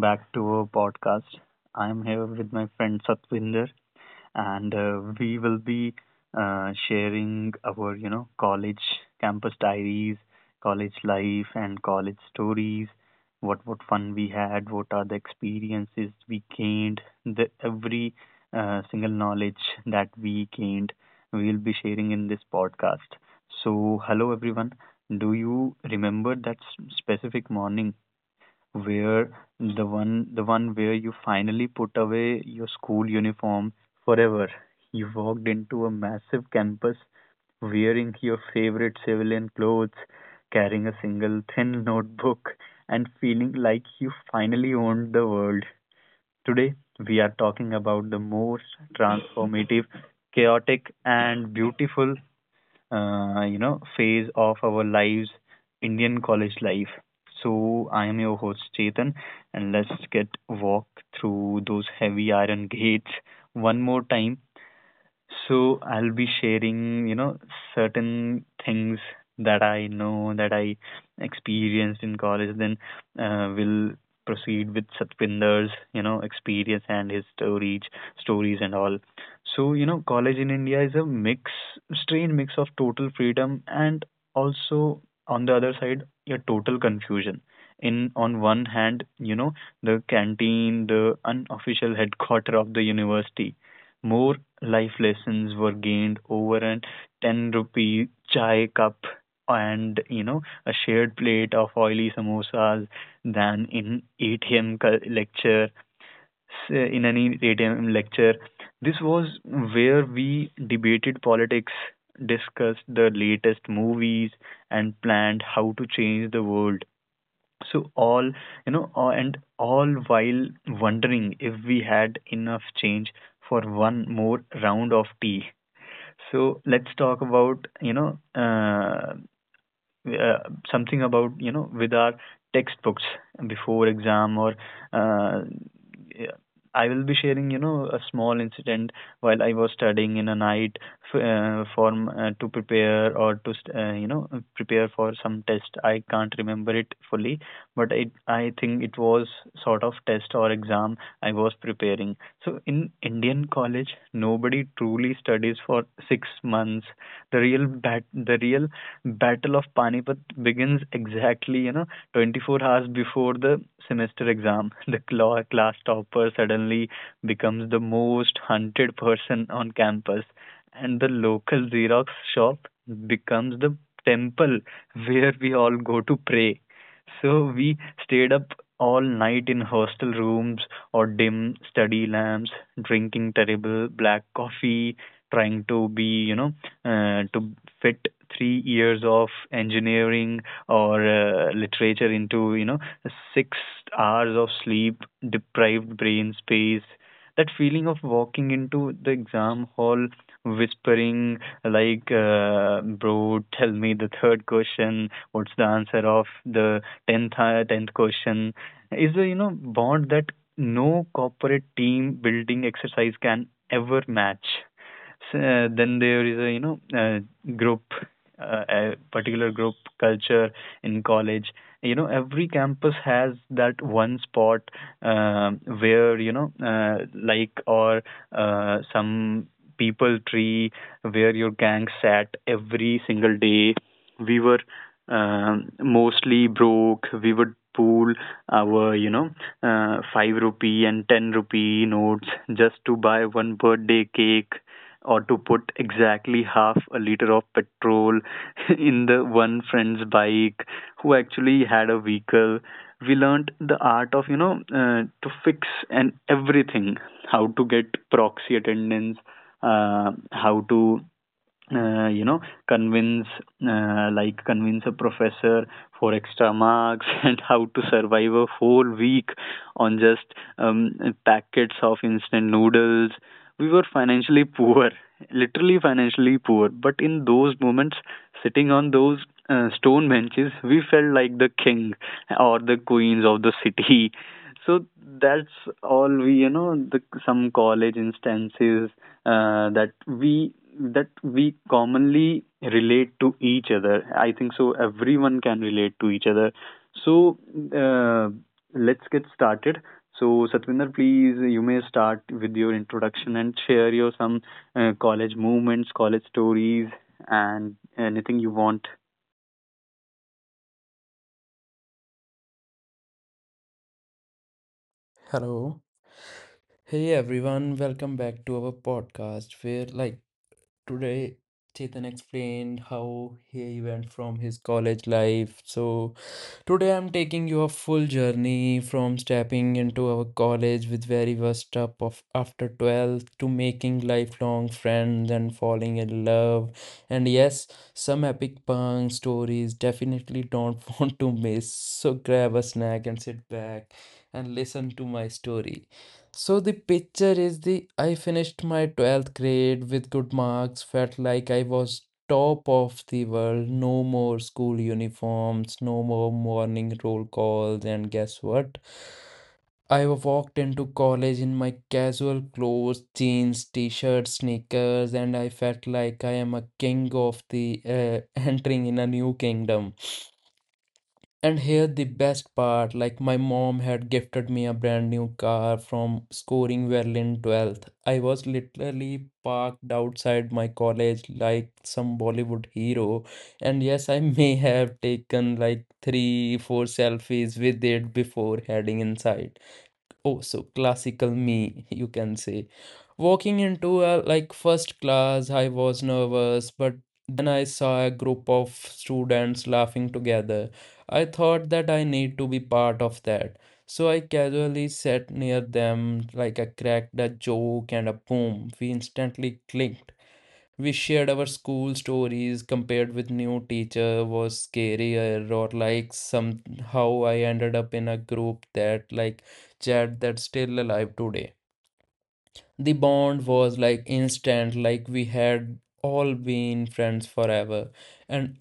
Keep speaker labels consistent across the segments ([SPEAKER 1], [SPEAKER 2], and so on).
[SPEAKER 1] back to our podcast. I'm here with my friend Satvinder, and we will be sharing our, college campus diaries, college life, and college stories. What fun we had, what are the experiences we gained, the every single knowledge that we gained, we'll be sharing in this podcast. So, hello everyone. Do you remember that specific morning, where the one where you finally put away your school uniform forever? You walked into a massive campus wearing your favorite civilian clothes, carrying a single thin notebook, and feeling like you finally owned the world. Today, we are talking about the most transformative, chaotic, and beautiful phase of our lives, Indian college life. So I am your host Chetan, and let's get walk through those heavy iron gates one more time. So I'll be sharing, certain things that I know, that I experienced in college. Then we'll proceed with Satpinder's, experience and his stories, and all. College in India is a mix, strange mix of total freedom and also on the other side, your total confusion. In on one hand, you know, the canteen, the unofficial headquarter of the university, more life lessons were gained over a 10 rupee chai cup and, you know, a shared plate of oily samosas than in ATM cul- lecture in any ATM lecture. This was where we debated politics, discussed the latest movies, and planned how to change the world. So all, and all, while wondering if we had enough change for one more round of tea. So let's talk about, uh, something about, you know, with our textbooks before exam. Or uh, yeah, I will be sharing, you know, a small incident. While I was studying in a night for to prepare, or to you know, prepare for some test, I can't remember it fully, but it, I think it was sort of test or exam I was preparing. So in Indian college, nobody truly studies for 6 months. The real bat the real battle of Panipat begins exactly, you know, 24 hours before the semester exam. The class topper suddenly becomes the most hunted person on campus, and the local Xerox shop becomes the temple where we all go to pray. So we stayed up all night in hostel rooms or dim study lamps, drinking terrible black coffee, trying to be, to fit 3 years of engineering or literature into, you know, 6 hours of sleep deprived brain space. That feeling of walking into the exam hall whispering like, bro, tell me the third question, what's the answer of the 10th 10th question, is a, you know, bond that no corporate team building exercise can ever match. So, then there is a, group, a particular group culture in college. You know, every campus has that one spot, where, you know like or some people tree, where your gang sat every single day. We were, mostly broke. We would pool our, 5 rupee and 10 rupee notes just to buy one birthday cake, or to put exactly half a liter of petrol in the one friend's bike who actually had a vehicle. We learned the art of, to fix and everything, how to get proxy attendance, how to, uh, you know convince, convince a professor for extra marks, and how to survive a whole week on just, packets of instant noodles. We were financially poor, literally financially poor, but in those moments, sitting on those, stone benches, we felt like the king or the queens of the city. So that's all. We, you know, the some college instances, that we commonly relate to each other, I think, so everyone can relate to each other. So, uh, let's get started. So Satvinder, please, you may start with your introduction and share your some, college movements, college stories, and anything you want.
[SPEAKER 2] Hello. Hey everyone, welcome back to our podcast where like today Chetan explained how he went from his college life. So today I'm taking you a full journey from stepping into our college with very worst up of after 12th to making lifelong friends and falling in love. And yes, some epic punk stories definitely don't want to miss. So grab a snack and sit back and listen to my story. So the picture is the I finished my 12th grade with good marks, felt like I was top of the world, no more school uniforms, no more morning roll calls, and guess what? I walked into college in my casual clothes, jeans, t-shirts, sneakers, and I felt like I am a king of the entering in a new kingdom. And here the best part, like my mom had gifted me a brand new car from scoring well in 12th. I was literally parked outside my college like some Bollywood hero. And yes, I may have taken like three, four selfies with it before heading inside. Oh, so classical me, you can say, walking into a like first class. I was nervous, but then I saw a group of students laughing together. I thought that I need to be part of that, so I casually sat near them, like I cracked a joke and a boom, we instantly clicked. We shared our school stories, compared with new teacher was scarier, or like somehow I ended up in a group that like chat that's still alive today. The bond was like instant, like we had all been friends forever. And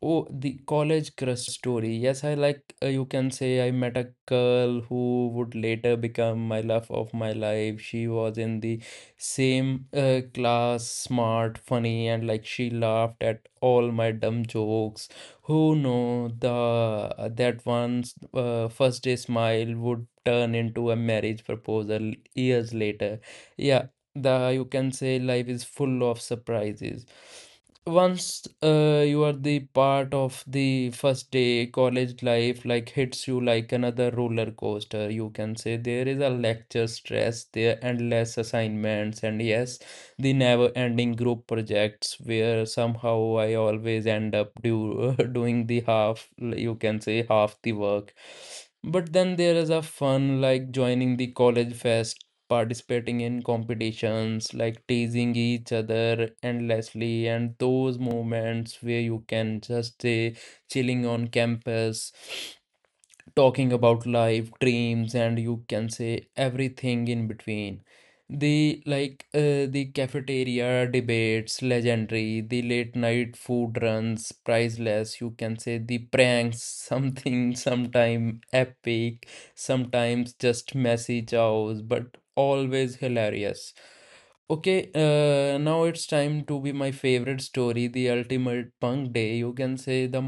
[SPEAKER 2] oh, the college crush story. Yes, I like, you can say I met a girl who would later become my love of my life. She was in the same class, smart, funny, and like she laughed at all my dumb jokes. Who know the that one's first day smile would turn into a marriage proposal years later. Yeah, the you can say life is full of surprises once you are the part of the first day college life. Like hits you like another roller coaster, you can say. There is a lecture stress, there endless assignments, and yes, the never ending group projects where somehow I always end up doing the half, you can say half the work. But then there is a fun like joining the college fest, participating in competitions, like teasing each other endlessly, and those moments where you can just stay chilling on campus talking about life, dreams, and you can say everything in between. The like the cafeteria debates, legendary, the late night food runs, priceless, you can say the pranks, something sometime epic, sometimes just messy chows, but always hilarious. Okay, now it's time to be my favorite story, the ultimate punk day. You can say the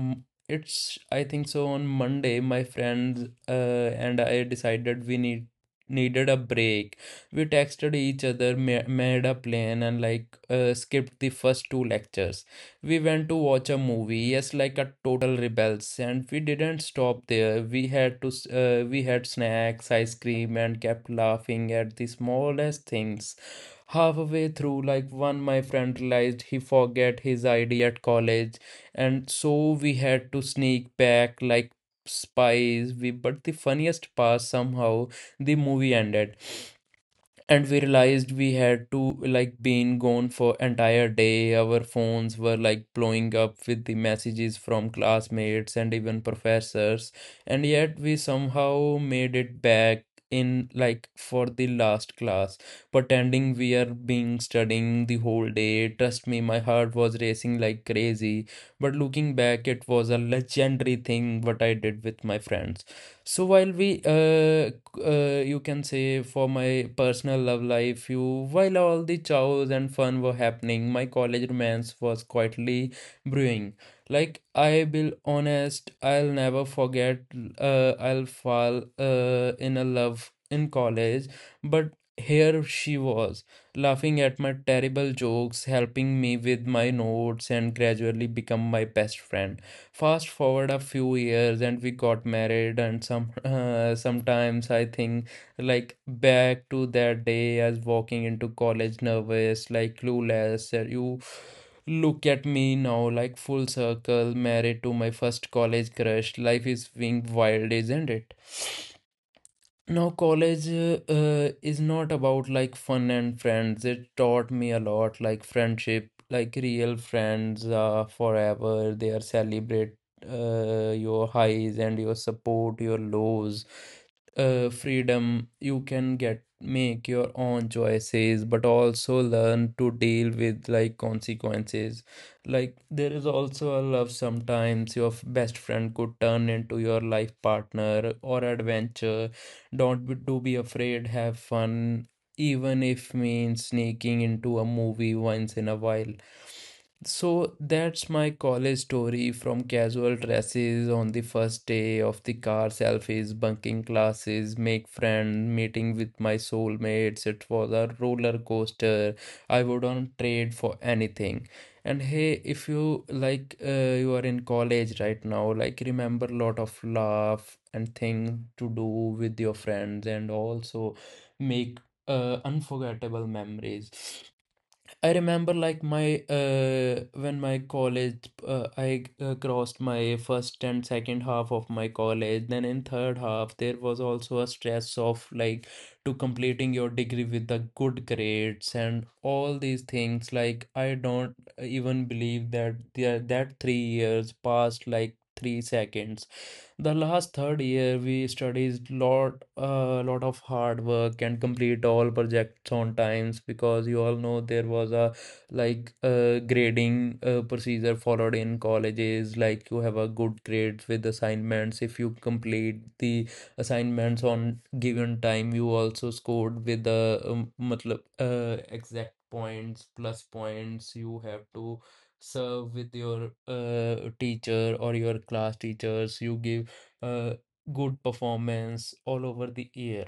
[SPEAKER 2] it's, I think so, on Monday, my friends and I decided we needed a break. We texted each other, ma made a plan, and like skipped the first two lectures. We went to watch a movie, yes, like a total rebels, and we didn't stop there. We had to, we had snacks, ice cream, and kept laughing at the smallest things. Halfway through like one my friend realized he forget his ID at college, and so we had to sneak back like spies. We but the funniest part, somehow the movie ended and we realized we had to like been gone for entire day. Our phones were like blowing up with the messages from classmates and even professors, and yet we somehow made it back in like for the last class pretending we are being studying the whole day. Trust me, my heart was racing like crazy, but looking back, it was a legendary thing what I did with my friends. So while we, you can say for my personal love life, you while all the chows and fun were happening, my college romance was quietly brewing. Like I will honest, I'll never forget. I'll fall in a love in college, but here she was laughing at my terrible jokes, helping me with my notes, and gradually become my best friend. Fast forward a few years and we got married. And some sometimes I think like back to that day as walking into college nervous, like clueless, and you look at me now, like full circle, married to my first college crush. Life is being wild, isn't it? Now, college is not about like fun and friends. It taught me a lot, like friendship, like real friends are forever. They are celebrate your highs and your support, your lows, freedom. You can get make your own choices, but also learn to deal with like consequences. Like there is also a love sometimes. Your best friend could turn into your life partner or adventure. Don't be, do be afraid, have fun, even if means sneaking into a movie once in a while. So that's my college story from casual dresses on the first day of the car selfies, bunking classes, make friends, meeting with my soulmates. It was a roller coaster. I wouldn't trade for anything. And hey, if you like, you are in college right now, like remember lot of laugh and thing to do with your friends, and also make unforgettable memories. I remember like my when my college I crossed my first and second half of my college, then in third half there was also a stress of like to completing your degree with the good grades and all these things. Like I don't even believe that that 3 years passed like 3 seconds. The last third year we studied lot a lot of hard work and complete all projects on times because you all know there was a like grading procedure followed in colleges. Like you have a good grades with assignments. If you complete the assignments on given time, you also scored with the matlab, exact points plus points. You have to serve with your teacher or your class teachers. You give uh, good performance all over the year.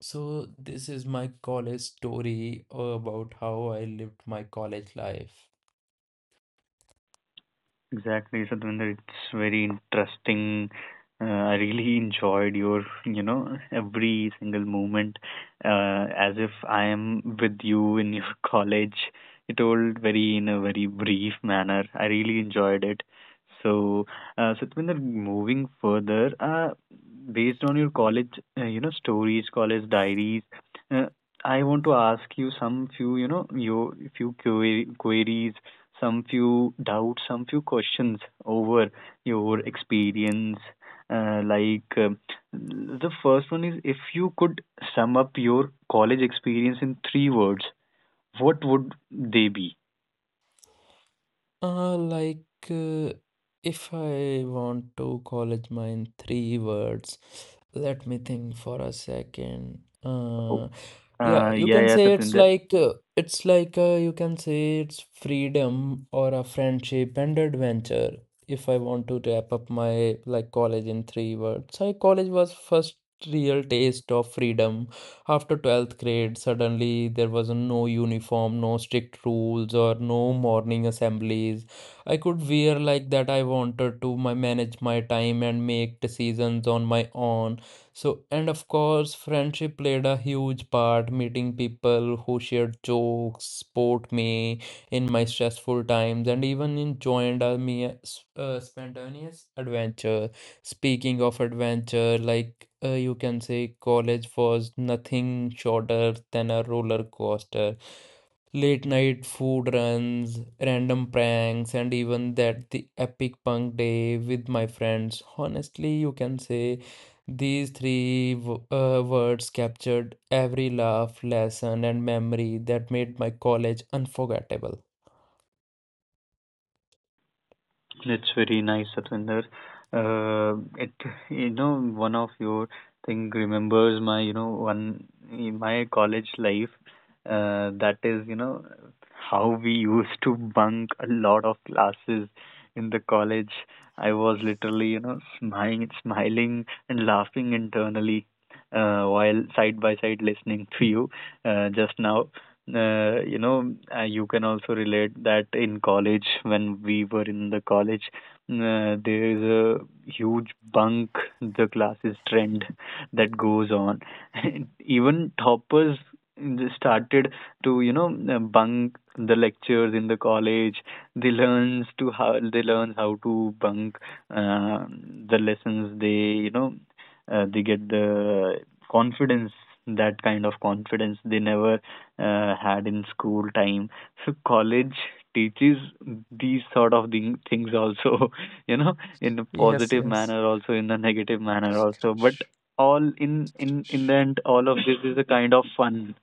[SPEAKER 2] So this is my college story about how I lived my college life.
[SPEAKER 1] Exactly, Sadhvinder. It's very interesting. I really enjoyed your, you know, every single moment, as if I am with you in your college. You told very in a very brief manner. I really enjoyed it. So, Sadhvinder, moving further, based on your college, you know, stories, college diaries, uh, I want to ask you some few, you know, your few queries, some few doubts, some few questions over your experience. Uh, like uh, the first one is, if you could sum up your college experience in three words, what would they be?
[SPEAKER 2] Like uh, if I want to college mine three words, let me think for a second.
[SPEAKER 1] Oh,
[SPEAKER 2] Yeah, you
[SPEAKER 1] Yeah,
[SPEAKER 2] can
[SPEAKER 1] yeah,
[SPEAKER 2] say
[SPEAKER 1] Satinder.
[SPEAKER 2] it's like you can say it's freedom or a friendship and adventure. If I want to wrap up my like college in three words, I college was first real taste of freedom after 12th grade. Suddenly there was no uniform, no strict rules or no morning assemblies. I could wear like that I wanted to, my manage my time and make decisions on my own. So and of course friendship played a huge part, meeting people who shared jokes, support me in my stressful times, and even joined me spontaneous adventure. Speaking of adventure, like you can say, college was nothing shorter than a roller coaster. Late night food runs, random pranks, and even that the epic punk day with my friends. Honestly, you can say these three words captured every laugh, lesson, and memory that made my college unforgettable.
[SPEAKER 1] That's very nice, Satvinder. It, you know, one of your thing remembers my, you know, one my college life. That is, you know, how we used to bunk a lot of classes in the college. I was literally, you know, smiling, smiling and laughing internally, while side by side listening to you, just now. You can also relate that in college, when we were in the college, there is a huge bunk the classes trend that goes on. Even toppers started to, you know, bunk the lectures in the college. They learn how to bunk, uh, the lessons. They, you know, they get the confidence, that kind of confidence they never, had in school time. So college teaches these sort of things also, you know, in a
[SPEAKER 2] Yes,
[SPEAKER 1] positive
[SPEAKER 2] yes.
[SPEAKER 1] manner, also in a negative manner also, but all in the end, all of this is a kind of fun.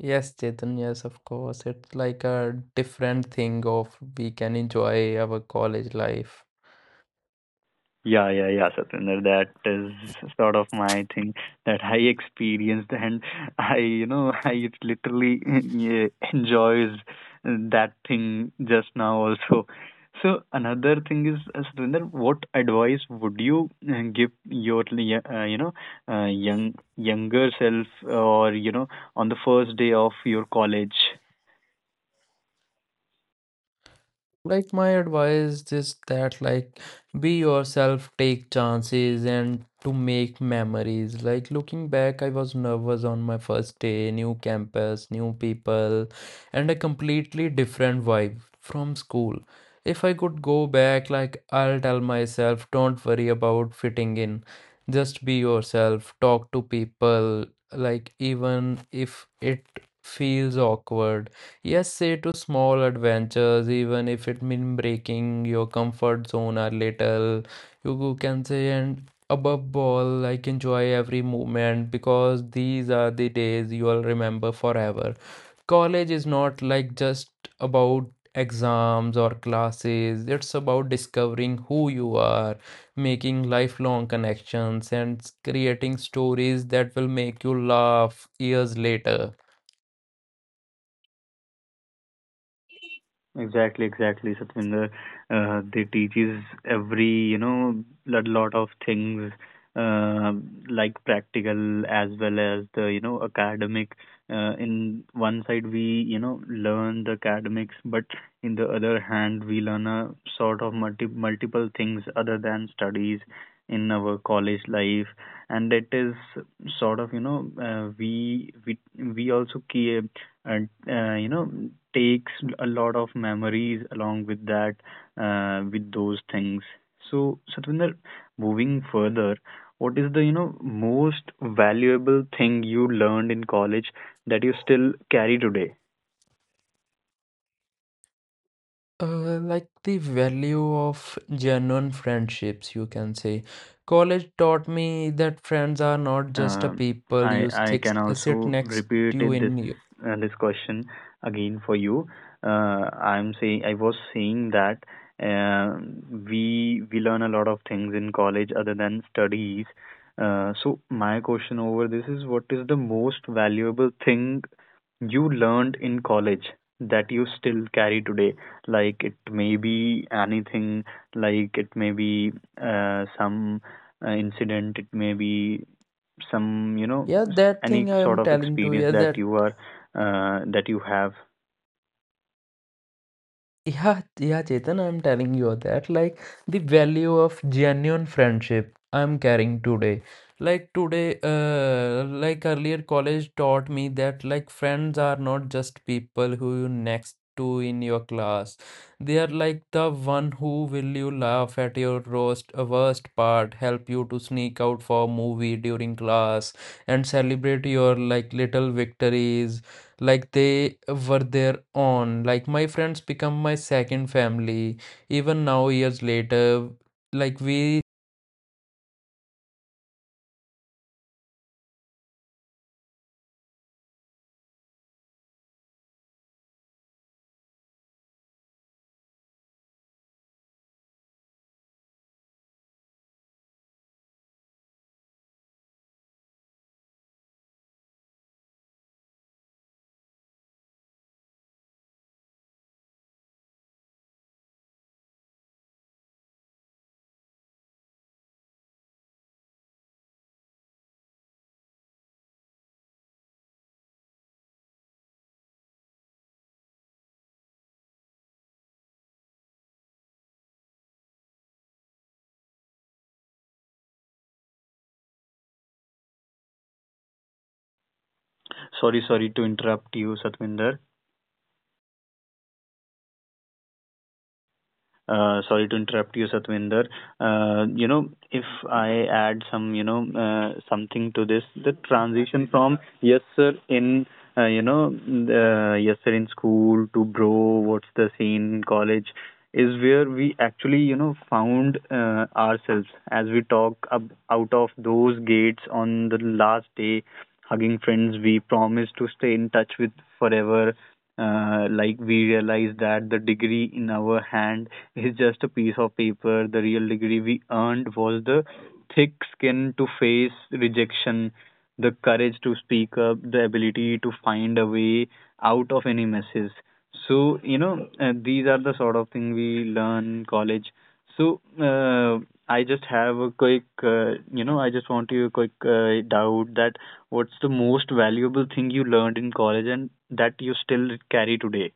[SPEAKER 2] Yes, Chetan, yes, of course. It's like a different thing of we can enjoy our college life.
[SPEAKER 1] Yeah, yeah, yeah, Satinder. That is sort of my thing that I experienced, and I, you know, I literally, yeah, enjoys that thing just now also. So another thing is, Satinder, what advice would you, give your, young younger self, or, you know, on the first day of your college?
[SPEAKER 2] Like my advice is that like be yourself, take chances and to make memories. Like looking back, I was nervous on my first day, new campus, new people, and a completely different vibe from school. If I could go back, like I'll tell myself, don't worry about fitting in. Just be yourself, talk to people, like even if it feels awkward. Yes, say to small adventures, even if it means breaking your comfort zone a little. You can say, and above all, like enjoy every moment because these are the days you will remember forever. College is not like just about exams or classes, it's about discovering who you are, making lifelong connections, and creating stories that will make you laugh years later.
[SPEAKER 1] Exactly, exactly, Satvinder. They teaches every, you know, a lot of things, uh, like practical as well as the, you know, academic. In one side we, you know, learn the academics, but in the other hand we learn a sort of multiple things other than studies in our college life, and it is sort of, you know, we also ke- and you know, takes a lot of memories along with that, with those things. So Satvinder, moving further, what is the, you know, most valuable thing you learned in college that you still carry today?
[SPEAKER 2] Like the value of genuine friendships, you can say. College taught me that friends are not just a
[SPEAKER 1] Uh,
[SPEAKER 2] people
[SPEAKER 1] I
[SPEAKER 2] you
[SPEAKER 1] I can
[SPEAKER 2] sit
[SPEAKER 1] also
[SPEAKER 2] next
[SPEAKER 1] repeat
[SPEAKER 2] to
[SPEAKER 1] it this,
[SPEAKER 2] in. Your-
[SPEAKER 1] this question again for you. Uh, I was saying that, uh, we learn a lot of things in college other than studies. So my question over this is, what is the most valuable thing you learned in college that you still carry today? Like it may be anything, like it may be, some, incident, it may be some, you know,
[SPEAKER 2] yeah, that
[SPEAKER 1] any
[SPEAKER 2] thing I am
[SPEAKER 1] sort of
[SPEAKER 2] telling to
[SPEAKER 1] experience
[SPEAKER 2] you,
[SPEAKER 1] that
[SPEAKER 2] that
[SPEAKER 1] you are, that you have.
[SPEAKER 2] yeah, yeah, Chetan, I'm telling you that like the value of genuine friendship I'm carrying today. Like today, like earlier, college taught me that like friends are not just people who you next to in your class. They are like the one who will you laugh at your roast, worst part, help you to sneak out for a movie during class, and celebrate your like little victories like they were their own. Like my friends become my second family, even now years later, like we
[SPEAKER 1] Sorry, sorry to interrupt you, Satvinder. Sorry to interrupt you, Satvinder. You know, if I add some, you know, something to this, the transition from yes, sir, in, yes, sir, in school to bro, what's the scene in college, is where we actually, you know, found, ourselves. As we talk ab- out of those gates on the last day, hugging friends we promised to stay in touch with forever, we realize that the degree in our hand is just a piece of paper. The real degree we earned was the thick skin to face rejection, the courage to speak up, the ability to find a way out of any messes. So, you know, these are the sort of thing we learn in college. So, I just have a quick, you know, I just want to a quick, doubt that, what's the most valuable thing you learned in college and that you still carry today?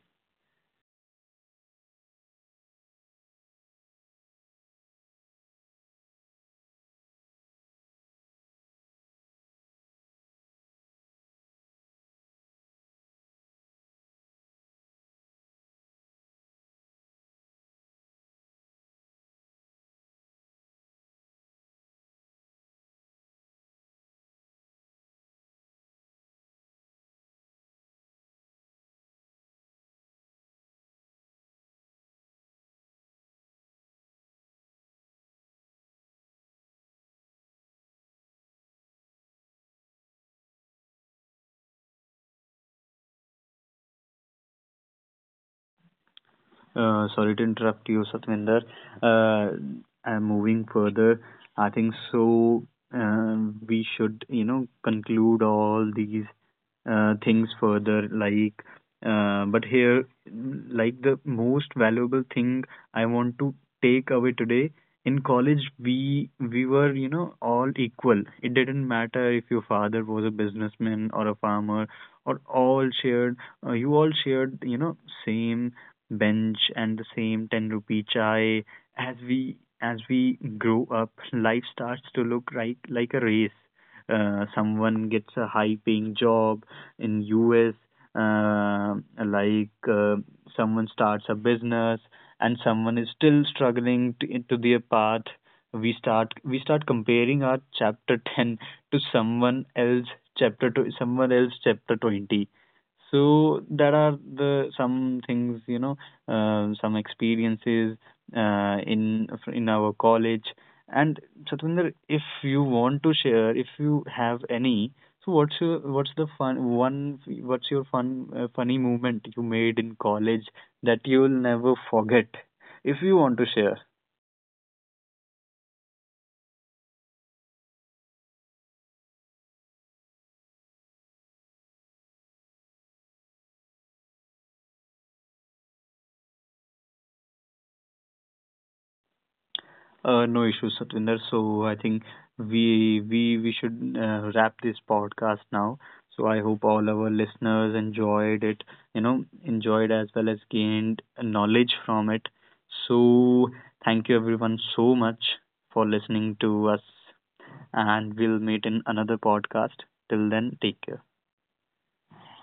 [SPEAKER 1] Sorry to interrupt you, Satvinder. Uh, am moving further, I think so, Uh, we should, you know, conclude all these, things further. Like, but here, like the most valuable thing I want to take away today, in college we were you know, all equal. It didn't matter if your father was a businessman or a farmer, or all shared, you all shared, you know, same bench and the same 10 rupee chai. As we, as we grow up, life starts to look like a race. Someone gets a high paying job in US, uh, like uh, someone starts a business, and someone is still struggling to, into their path. We start comparing our chapter 10 to someone else chapter 20. So there are the some things, you know, some experiences, uh, in in our college. And Chatwinder, if you want to share, if you have any, so what's your, what's the fun one, what's your fun, funny movement you made in college that you'll never forget? If you want to share. No issues, Satvinder. So I think we, should, wrap this podcast now. So I hope all our listeners enjoyed it, you know, enjoyed as well as gained knowledge from it. So thank you everyone so much for listening to us, and we'll meet in another podcast. Till then, take care.